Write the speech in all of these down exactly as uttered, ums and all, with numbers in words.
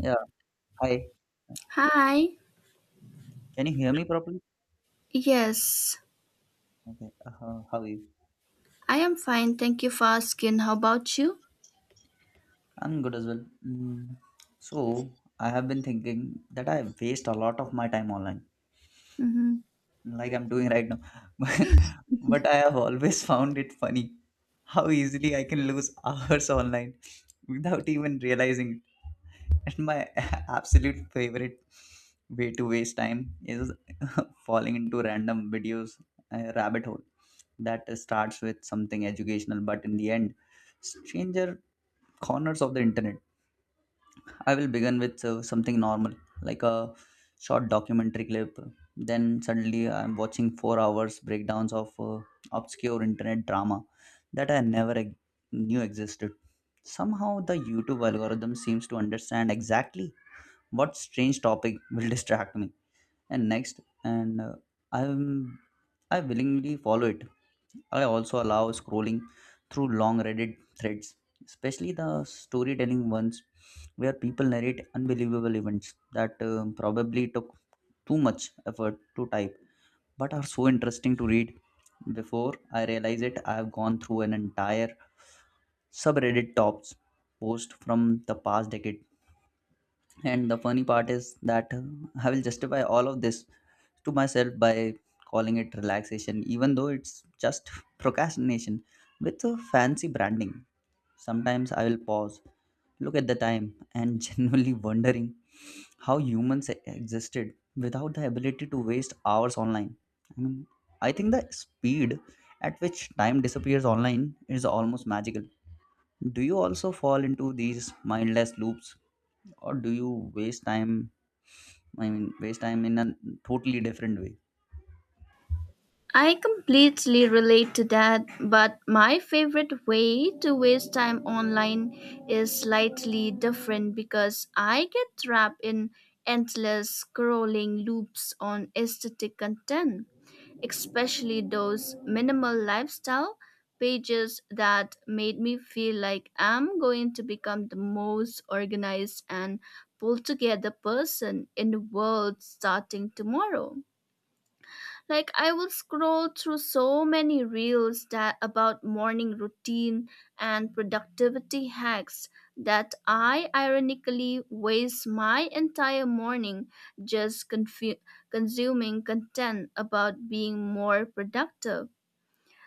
Yeah, hi. Hi. Can you hear me properly? Yes, Okay. Uh, how are you? I am fine. Thank you for asking. How about you? I'm good as well. Mm. So, I have been thinking that I waste a lot of my time online, hmm like I'm doing right now. But I have always found it funny how easily I can lose hours online without even realizing. And my absolute favorite way to waste time is falling into random videos uh, rabbit hole that starts with something educational, but in the end, stranger corners of the internet. I will begin with uh, something normal like a short documentary clip. Then suddenly I'm watching four hours breakdowns of uh, obscure internet drama that I never e- knew existed. Somehow the YouTube algorithm seems to understand exactly what strange topic will distract me and next and uh, i'm I willingly follow it. I also allow scrolling through long Reddit threads, especially the storytelling ones where people narrate unbelievable events that uh, probably took too much effort to type but are so interesting to read. Before I realize it, I have gone through an entire subreddit tops post from the past decade. And the funny part is that uh, I will justify all of this to myself by calling it relaxation, even though it's just procrastination with a fancy branding. Sometimes I will pause, look at the time, and genuinely wondering how humans existed without the ability to waste hours online. i mean I think the speed at which time disappears online is almost magical. Do you also fall into these mindless loops, or do you waste time? I mean, waste time in a totally different way. I completely relate to that, but my favorite way to waste time online is slightly different because I get trapped in endless scrolling loops on aesthetic content, especially those minimal lifestyle pages that made me feel like I'm going to become the most organized and pulled together person in the world starting tomorrow. Like, I will scroll through so many reels that about morning routine and productivity hacks that I ironically waste my entire morning just confu- consuming content about being more productive.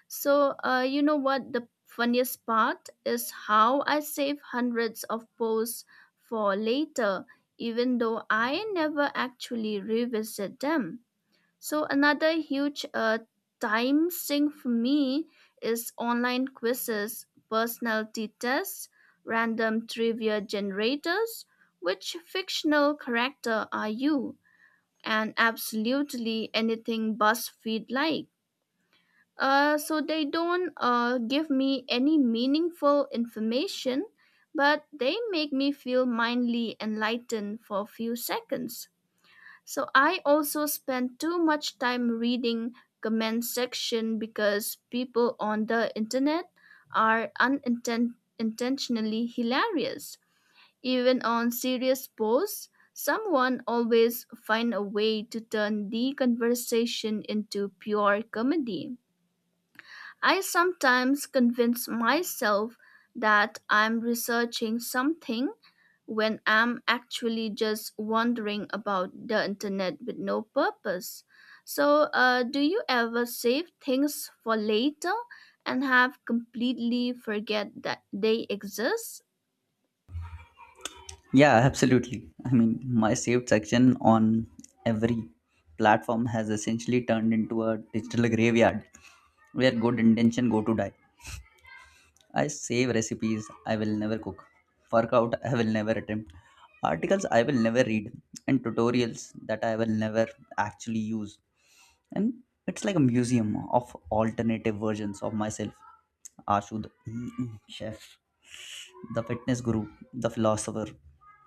So, uh, you know what the funniest part is? How I save hundreds of posts for later even though I never actually revisit them. So another huge uh, time sink for me is online quizzes, personality tests, random trivia generators, which fictional character are you, and absolutely anything BuzzFeed like. Uh, so they don't uh, give me any meaningful information, but they make me feel mindly enlightened for a few seconds. So I also spend too much time reading comment section because people on the internet are unintentionally hilarious. Even on serious posts, someone always find a way to turn the conversation into pure comedy. I sometimes convince myself that I'm researching something when I'm actually just wandering about the internet with no purpose. So, uh, do you ever save things for later and have completely forget that they exist? Yeah, absolutely. I mean, my saved section on every platform has essentially turned into a digital graveyard where good intention go to die. I save recipes I will never cook, workout I will never attempt, articles I will never read, and tutorials that I will never actually use. And it's like a museum of alternative versions of myself. Ashud, chef. The fitness guru, the philosopher,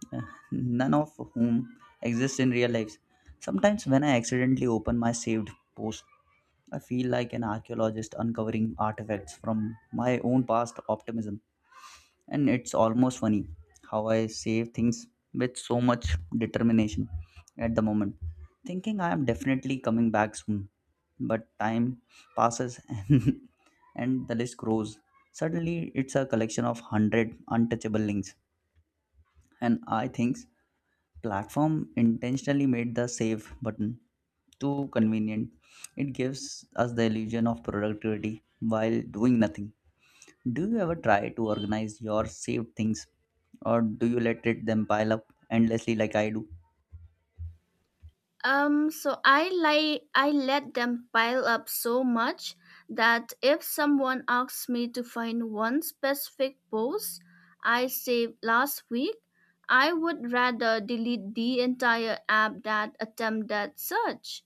none of whom exist in real lives. Sometimes, when I accidentally open my saved post, I feel like an archaeologist uncovering artifacts from my own past optimism. And it's almost funny how I save things with so much determination at the moment, thinking I am definitely coming back soon. But time passes and, and the list grows. Suddenly, it's a collection of one hundred untouchable links, and I think platform intentionally made the save button too convenient. It gives us the illusion of productivity while doing nothing. Do you ever try to organize your saved things, or do you let it them pile up endlessly like I do? Um, so I like I let them pile up so much that if someone asks me to find one specific post I saved last week, I would rather delete the entire app that attempt that search.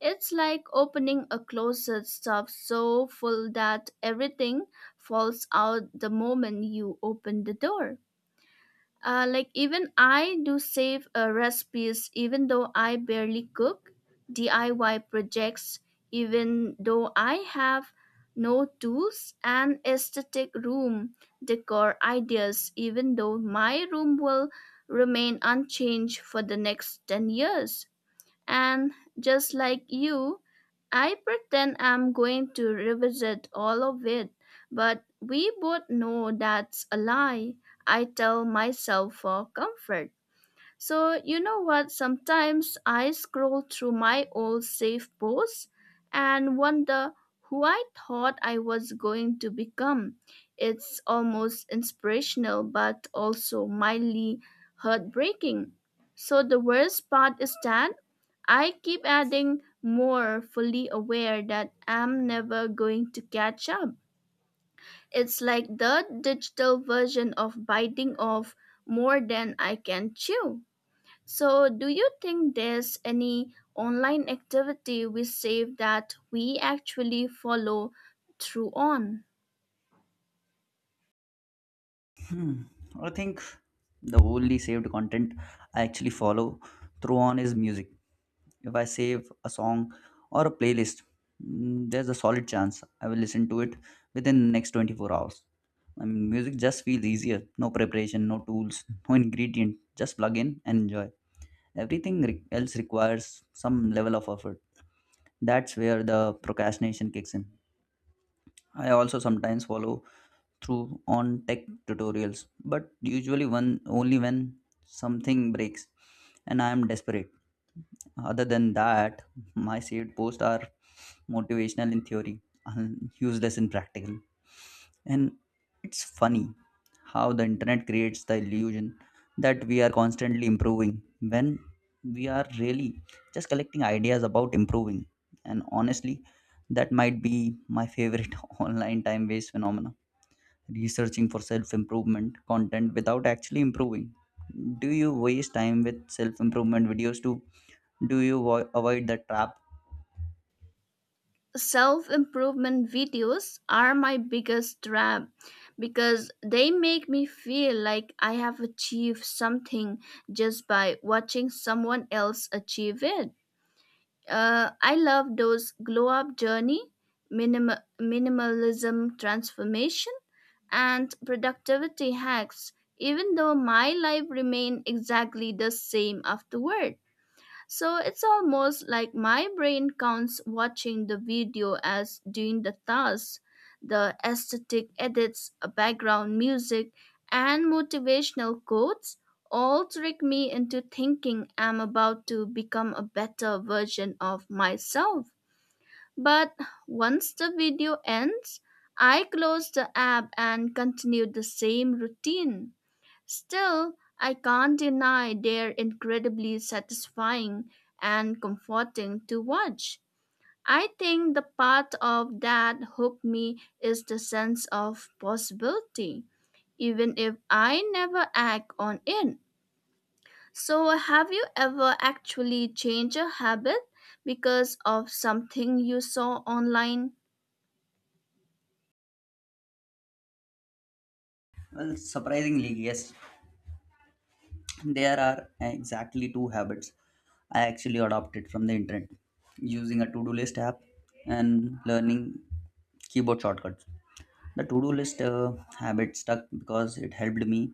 It's like opening a closet stuffed so full that everything falls out the moment you open the door. Uh, like, even I do save uh, recipes even though I barely cook, D I Y projects even though I have no tools, and aesthetic room decor ideas even though my room will remain unchanged for the next ten years. And just like you, I pretend I'm going to revisit all of it, but we both know that's a lie I tell myself for comfort. So, you know what? Sometimes I scroll through my old safe posts and wonder who I thought I was going to become. It's almost inspirational, but also mildly heartbreaking. So, the worst part is that I keep adding more, fully aware that I'm never going to catch up. It's like the digital version of biting off more than I can chew. So, do you think there's any online activity we save that we actually follow through on? Hmm. I think the only saved content I actually follow through on is music. If I save a song or a playlist, mm, there's a solid chance I will listen to it within the next twenty-four hours. I mean, music just feels easier. No preparation, no tools, no ingredient. Just plug in and enjoy. Everything re- else requires some level of effort. That's where the procrastination kicks in. I also sometimes follow through on tech tutorials, but usually one only when something breaks and I am desperate. Other than that, my saved posts are motivational in theory and useless in practical. And it's funny how the internet creates the illusion that we are constantly improving when we are really just collecting ideas about improving. And honestly, that might be my favorite online time waste phenomena, researching for self improvement content without actually improving? Do you waste time with self improvement videos too? Do you vo- avoid the trap? Self improvement videos are my biggest trap because they make me feel like I have achieved something just by watching someone else achieve it. Uh, I love those glow up journey, minim- minimalism transformation, and productivity hacks, even though my life remained exactly the same afterward. So it's almost like my brain counts watching the video as doing the task. The aesthetic edits, uh, background music, and motivational quotes all trick me into thinking I'm about to become a better version of myself. But once the video ends, I close the app and continue the same routine. Still, I can't deny they're incredibly satisfying and comforting to watch. I think the part of that hooked me is the sense of possibility, even if I never act on it. So, have you ever actually changed a habit because of something you saw online? Well, surprisingly, yes. There are exactly two habits I actually adopted from the internet, using a to do list app and learning keyboard shortcuts. The to do list uh, habit stuck because it helped me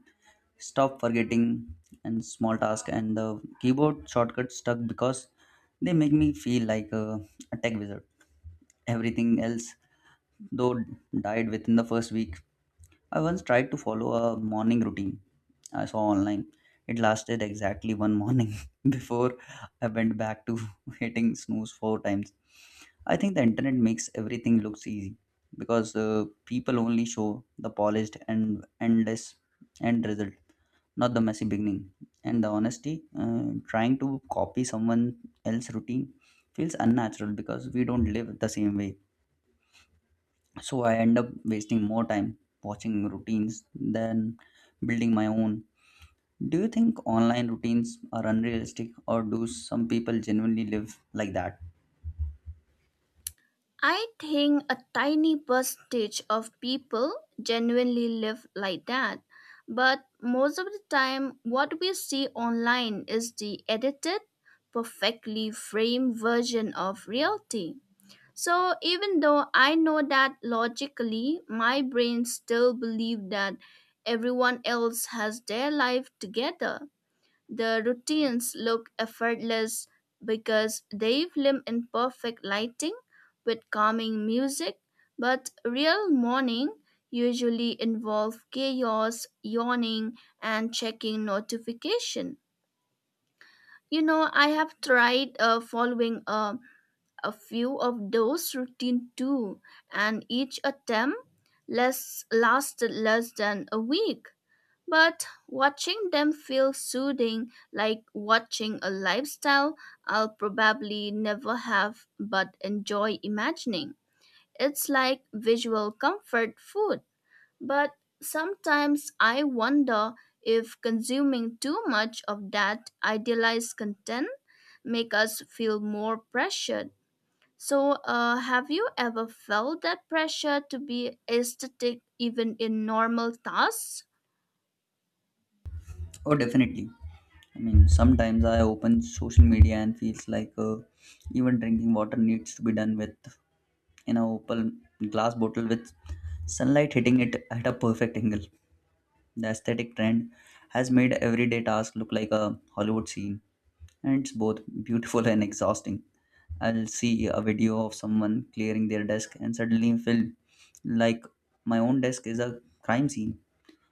stop forgetting and small task, and the keyboard shortcut stuck because they make me feel like a, a tech wizard. Everything else, though, died within the first week. I once tried to follow a morning routine I saw online. It lasted exactly one morning before I went back to hitting snooze four times. I think the internet makes everything looks easy because uh, people only show the polished and endless end result, not the messy beginning. And the honesty, uh, trying to copy someone else's routine feels unnatural because we don't live the same way. So I end up wasting more time watching routines than building my own. Do you think online routines are unrealistic, or do some people genuinely live like that? I think a tiny percentage of people genuinely live like that, but most of the time, what we see online is the edited, perfectly framed version of reality. So even though I know that logically, my brain still believes that everyone else has their life together. The routines look effortless because they film in perfect lighting with calming music, but real morning usually involve chaos, yawning, and checking notification. You know, I have tried uh, following uh, a few of those routine too, and each attempt less lasted less than a week. But watching them feels soothing, like watching a lifestyle I'll probably never have but enjoy imagining. It's like visual comfort food. But sometimes I wonder if consuming too much of that idealized content make us feel more pressured. So, uh, have you ever felt that pressure to be aesthetic even in normal tasks? Oh, definitely. I mean, sometimes I open social media and feels like uh, even drinking water needs to be done with in a open glass bottle with sunlight hitting it at a perfect angle. The aesthetic trend has made everyday tasks look like a Hollywood scene, and it's both beautiful and exhausting. I'll see a video of someone clearing their desk and suddenly feel like my own desk is a crime scene.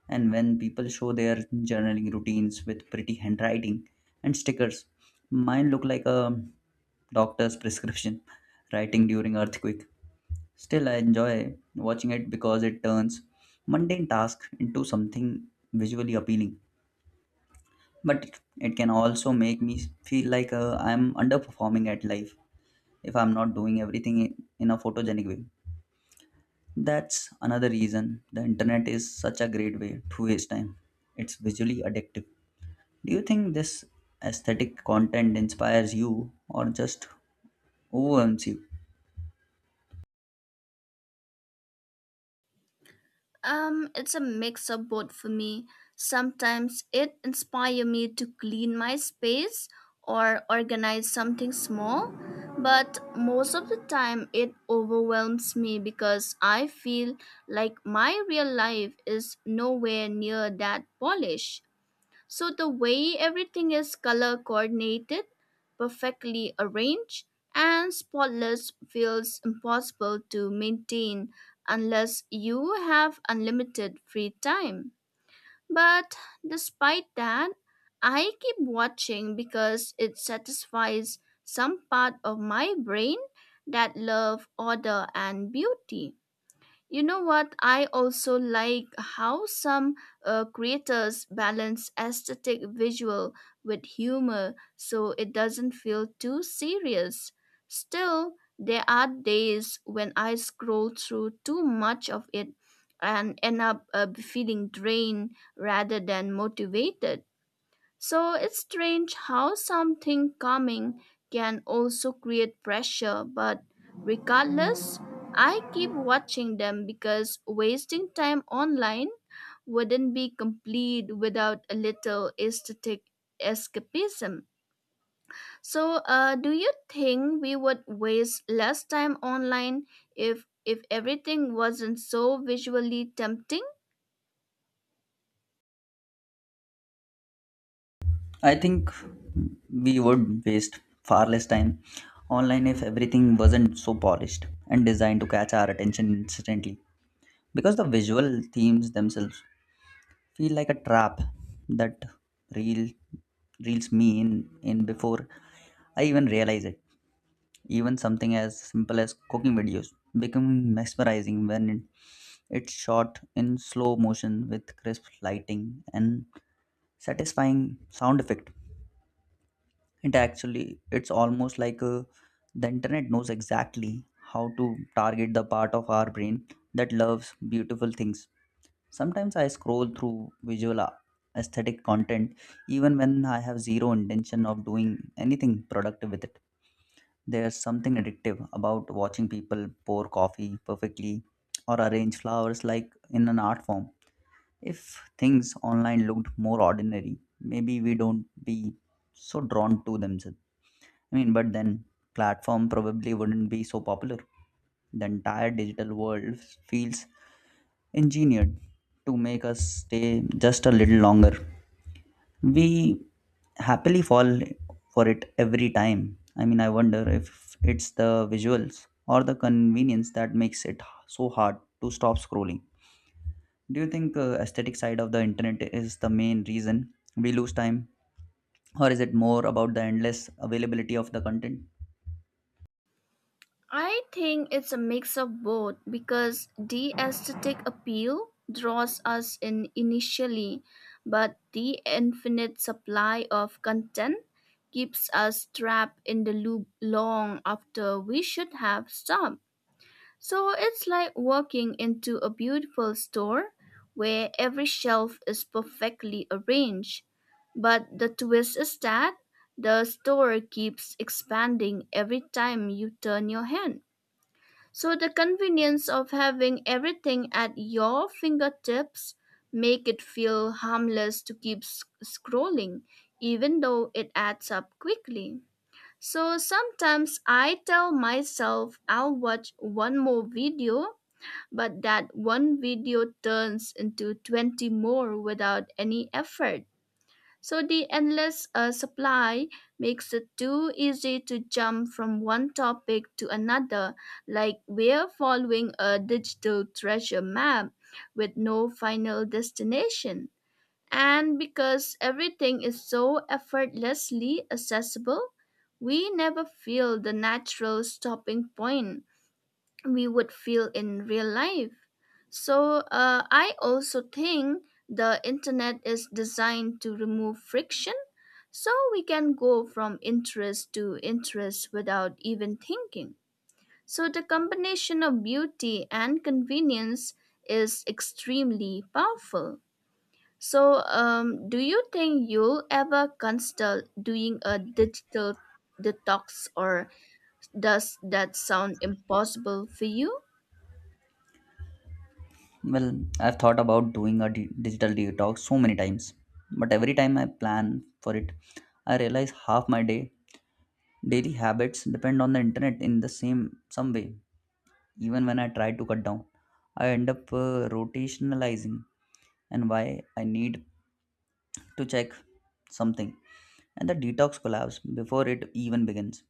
And when people show their journaling routines with pretty handwriting and stickers, mine look like a doctor's prescription writing during earthquake. Still, I enjoy watching it because it turns mundane tasks into something visually appealing. But it it can also make me feel like uh, I'm underperforming at life if I'm not doing everything in in a photogenic way. That's another reason the internet is such a great way to waste time. It's visually addictive. Do you think this aesthetic content inspires you or just overwhelms you? Um, it's a mix of both for me. Sometimes it inspires me to clean my space or organize something small, but most of the time it overwhelms me because I feel like my real life is nowhere near that polish. So the way everything is color coordinated, perfectly arranged, and spotless feels impossible to maintain unless you have unlimited free time. But despite that, I keep watching because it satisfies some part of my brain that love order and beauty. You know what? I also like how some uh, creators balance aesthetic visual with humor so it doesn't feel too serious. Still, there are days when I scroll through too much of it and end up uh, feeling drained rather than motivated. So it's strange how something calming can also create pressure, but regardless, I keep watching them because wasting time online wouldn't be complete without a little aesthetic escapism. So, uh, do you think we would waste less time online if if everything wasn't so visually tempting? I think we would waste far less time online if everything wasn't so polished and designed to catch our attention instantly. Because the visual themes themselves feel like a trap that reel reels me in, in before I even realize it. Even something as simple as cooking videos become mesmerizing when it- it's shot in slow motion with crisp lighting and satisfying sound effect. It actually it's almost like uh, the internet knows exactly how to target the part of our brain that loves beautiful things. Sometimes I scroll through visual a- aesthetic content even when I have zero intention of doing anything productive with it. There's something addictive about watching people pour coffee perfectly or arrange flowers like in an art form. If things online looked more ordinary, maybe we don't be so drawn to them. Sir. I mean, but then platform probably wouldn't be so popular. The entire digital world feels engineered to make us stay just a little longer. We happily fall for it every time. I mean, I wonder if it's the visuals or the convenience that makes it so hard to stop scrolling. Do you think uh, aesthetic side of the internet is the main reason we lose time, or is it more about the endless availability of the content? I think it's a mix of both because the aesthetic appeal draws us in initially, but the infinite supply of content keeps us trapped in the loop long after we should have stopped. So it's like walking into a beautiful store where every shelf is perfectly arranged. But the twist is that the store keeps expanding every time you turn your hand. So the convenience of having everything at your fingertips make it feel harmless to keep s- scrolling even though it adds up quickly. So sometimes I tell myself I'll watch one more video, but that one video turns into twenty more without any effort. So the endless uh, supply makes it too easy to jump from one topic to another, like we're following a digital treasure map with no final destination. And because everything is so effortlessly accessible, we never feel the natural stopping point we would feel in real life. So uh, I also think the internet is designed to remove friction so we can go from interest to interest without even thinking. So the combination of beauty and convenience is extremely powerful. So um, do you think you'll ever consider doing a digital detox, or does that sound impossible for you? Well, I've thought about doing a di- digital detox so many times, but every time I plan for it, I realize half my day daily habits depend on the internet in the same some way. Even when I try to cut down, I end up uh, rotationalizing and why I need to check something. And the detox collapse before it even begins.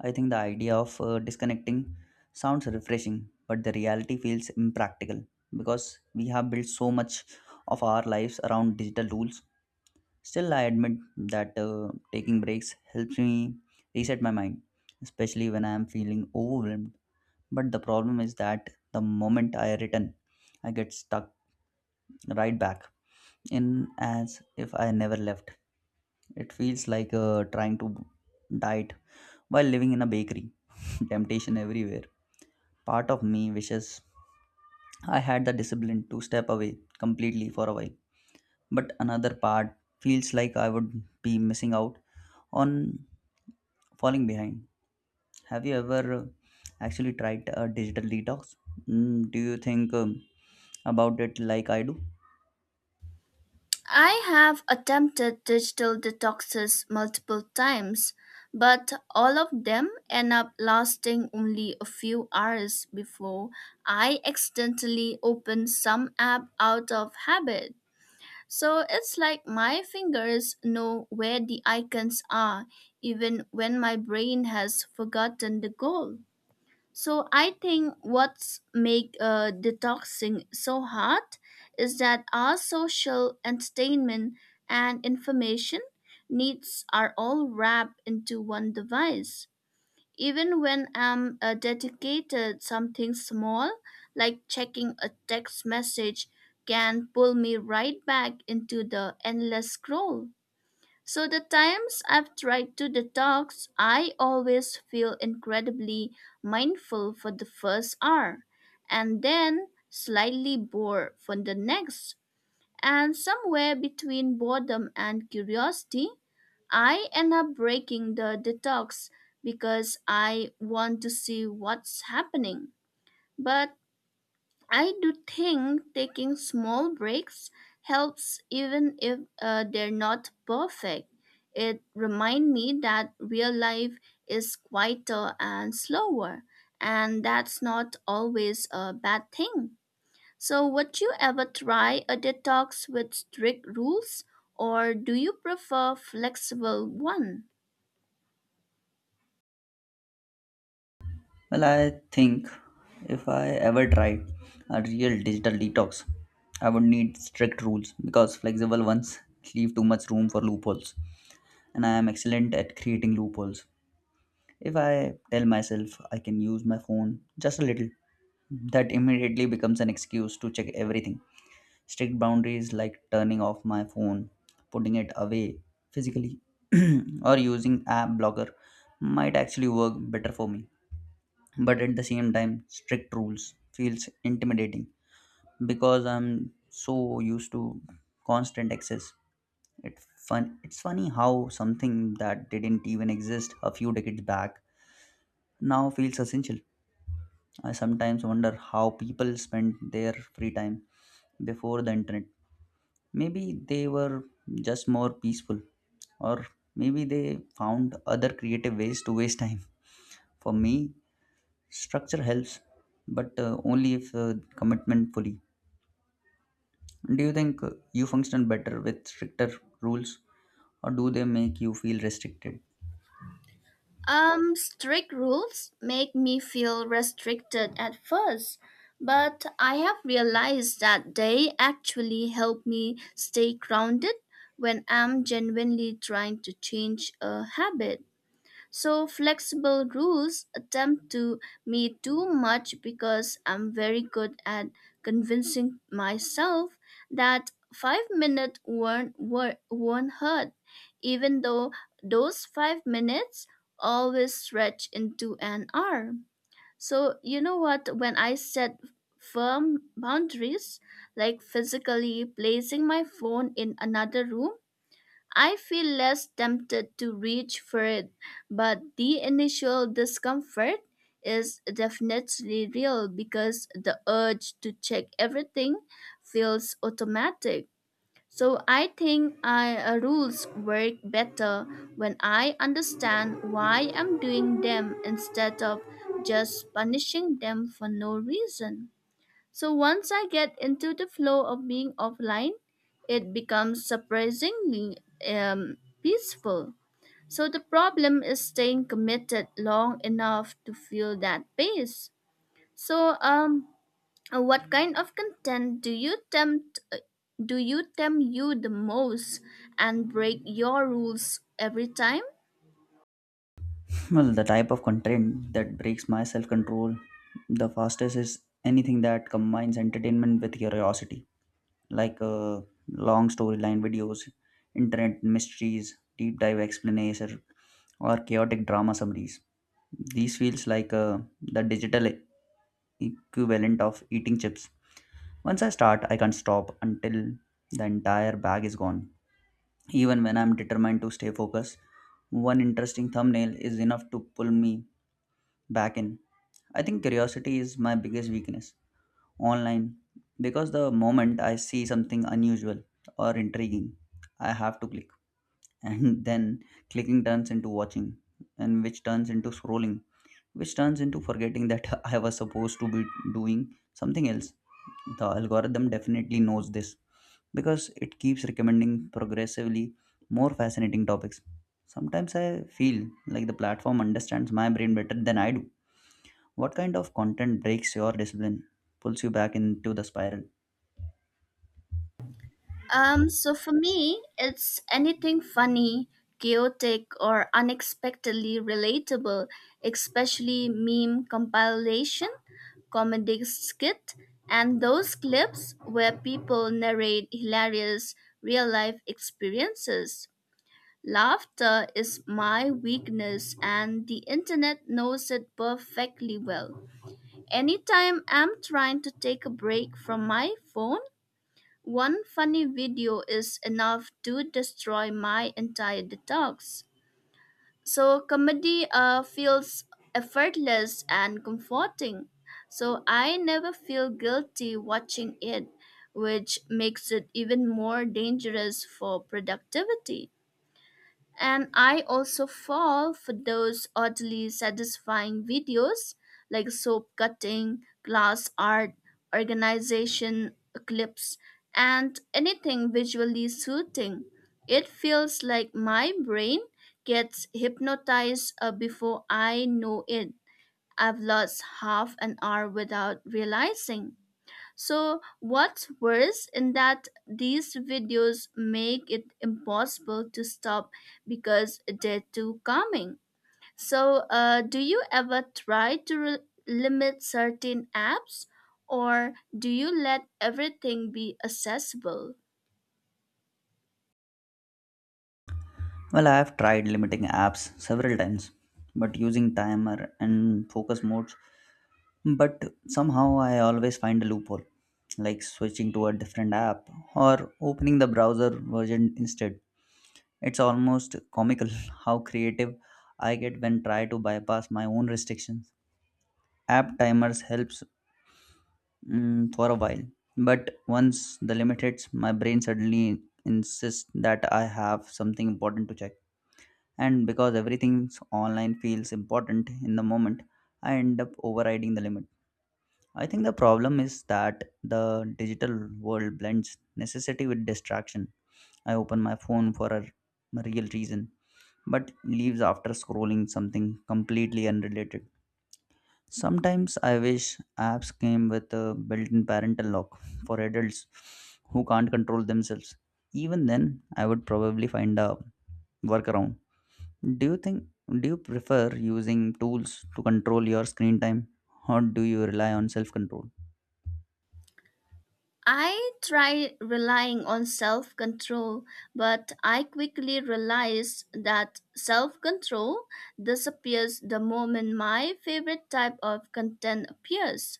I think the idea of uh, disconnecting sounds refreshing, but the reality feels impractical because we have built so much of our lives around digital tools. Still, I admit that uh, taking breaks helps me reset my mind, especially when I am feeling overwhelmed. But the problem is that the moment I return, I get stuck right back in as if I never left. It feels like uh, trying to diet while living in a bakery. Temptation everywhere. Part of me wishes I had the discipline to step away completely for a while, but another part feels like I would be missing out on falling behind. Have you ever uh, actually tried a digital detox? Mm, do you think um, about it like I do? I have attempted digital detoxes multiple times, but all of them end up lasting only a few hours before I accidentally open some app out of habit. So it's like my fingers know where the icons are, even when my brain has forgotten the goal. So I think what's make uh, detoxing so hard is that our social entertainment and information needs are all wrapped into one device. Even when I'm uh, dedicated something small, like checking a text message, can pull me right back into the endless scroll. So the times I've tried to detox, I always feel incredibly mindful for the first hour and then slightly bored for the next. And somewhere between boredom and curiosity, I end up breaking the detox because I want to see what's happening. But I do think taking small breaks helps even if uh, they're not perfect. It reminds me that real life is quieter and slower, and that's not always a bad thing. So, would you ever try a detox with strict rules, or do you prefer flexible one? Well, I think if I ever tried a real digital detox, I would need strict rules because flexible ones leave too much room for loopholes, and I am excellent at creating loopholes. If I tell myself I can use my phone just a little, that immediately becomes an excuse to check everything. Strict boundaries like turning off my phone, putting it away physically, or using app blocker might actually work better for me. But at the same time, strict rules feels intimidating because I'm so used to constant access. It fun it's funny how something that didn't even exist a few decades back now feels essential. I sometimes wonder how people spent their free time before the internet. Maybe they were just more peaceful, or maybe they found other creative ways to waste time. For me, structure helps, but uh, only if uh, commitment fully. Do you think uh, you function better with stricter rules, or do they make you feel restricted? Um, strict rules make me feel restricted at first, but I have realized that they actually help me stay grounded when I'm genuinely trying to change a habit. So flexible rules attempt to me too much because I'm very good at convincing myself that five minutes won't wor- won't hurt, even though those five minutes always stretch into an hour. So you know what? When I set firm boundaries, like physically placing my phone in another room, I feel less tempted to reach for it, but the initial discomfort is definitely real because the urge to check everything feels automatic. So I think I, uh, rules work better when I understand why I'm doing them instead of just punishing them for no reason. So once I get into the flow of being offline, it becomes surprisingly um, peaceful. So the problem is staying committed long enough to feel that pace. So um, uh, what kind of content do you tempt? Uh, Do you tempt you the most and break your rules every time? Well, the type of content that breaks my self control the fastest is anything that combines entertainment with curiosity, like uh, long storyline videos, internet mysteries, deep dive explanation, or chaotic drama summaries. These feels like uh, the digital e- equivalent of eating chips. Once I start, I can't stop until the entire bag is gone. Even when I'm determined to stay focused, one interesting thumbnail is enough to pull me back in. I think curiosity is my biggest weakness online because the moment I see something unusual or intriguing, I have to click. And then clicking turns into watching, and which turns into scrolling, which turns into forgetting that I was supposed to be doing something else. The algorithm definitely knows this because it keeps recommending progressively more fascinating topics. Sometimes I feel like the platform understands my brain better than I do. What kind of content breaks your discipline, pulls you back into the spiral? Um, so for me, it's anything funny, chaotic, or unexpectedly relatable, especially meme compilation, comedy skit, and those clips where people narrate hilarious real life experiences. Laughter is my weakness, and the internet knows it perfectly well. Anytime I'm trying to take a break from my phone, one funny video is enough to destroy my entire detox. So comedy uh, feels effortless and comforting. So I never feel guilty watching it, which makes it even more dangerous for productivity. And I also fall for those oddly satisfying videos like soap cutting, glass art, organization, clips, and anything visually soothing. It feels like my brain gets hypnotized. Uh, before I know it, I've lost half an hour without realizing. So, what's worse in that these videos make it impossible to stop because they're too calming. So, uh, do you ever try to re- limit certain apps, or do you let everything be accessible? Well, I have tried limiting apps several times, but using timer and focus modes. But somehow I always find a loophole, like switching to a different app or opening the browser version instead. It's almost comical how creative I get when try to bypass my own restrictions. App timers helps mm, for a while. But once the limit hits, my brain suddenly insists that I have something important to check. And because everything online feels important in the moment, I end up overriding the limit. I think the problem is that the digital world blends necessity with distraction. I open my phone for a real reason, but leaves after scrolling something completely unrelated. Sometimes I wish apps came with a built in parental lock for adults who can't control themselves. Even then, I would probably find a workaround. Do you think, do you prefer using tools to control your screen time, or do you rely on self control? I try relying on self control, but I quickly realized that self control disappears the moment my favorite type of content appears.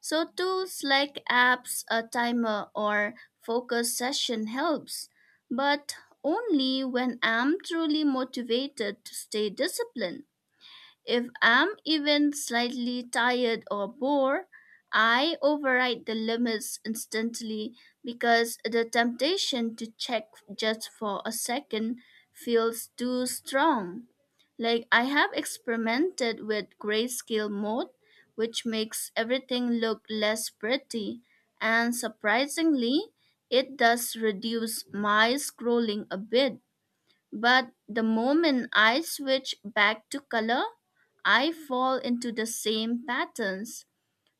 So tools like apps, a timer, or focus session helps, but only when I'm truly motivated to stay disciplined. If I'm even slightly tired or bored, I override the limits instantly because the temptation to check just for a second feels too strong. Like, I have experimented with grayscale mode, which makes everything look less pretty, and surprisingly, it does reduce my scrolling a bit, but the moment I switch back to color, I fall into the same patterns.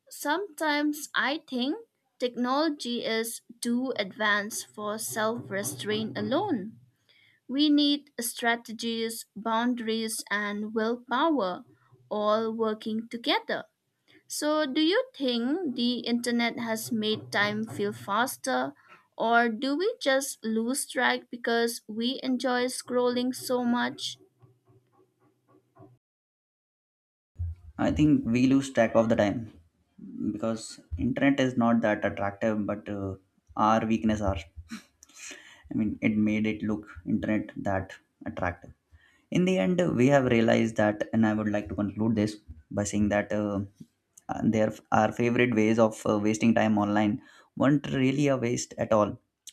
Sometimes I think technology is too advanced for self restraint alone. We need strategies, boundaries, and willpower all working together. So, do you think the internet has made time feel faster, or do we just lose track because we enjoy scrolling so much? I think we lose track of the time because internet is not that attractive, but uh, our weakness are. I mean, it made it look internet that attractive. In the end we have realized that, and I would like to conclude this by saying that uh, uh, there are favorite ways of uh, wasting time online weren't really a waste at all,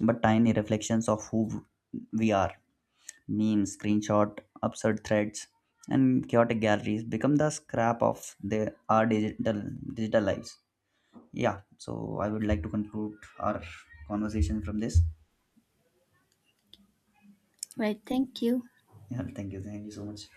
but tiny reflections of who we are. Memes screenshot absurd threads and chaotic galleries become the scrap of the, our digital digital lives. Yeah, so I would like to conclude our conversation from this. Right, thank you. Yeah, thank you, thank you so much.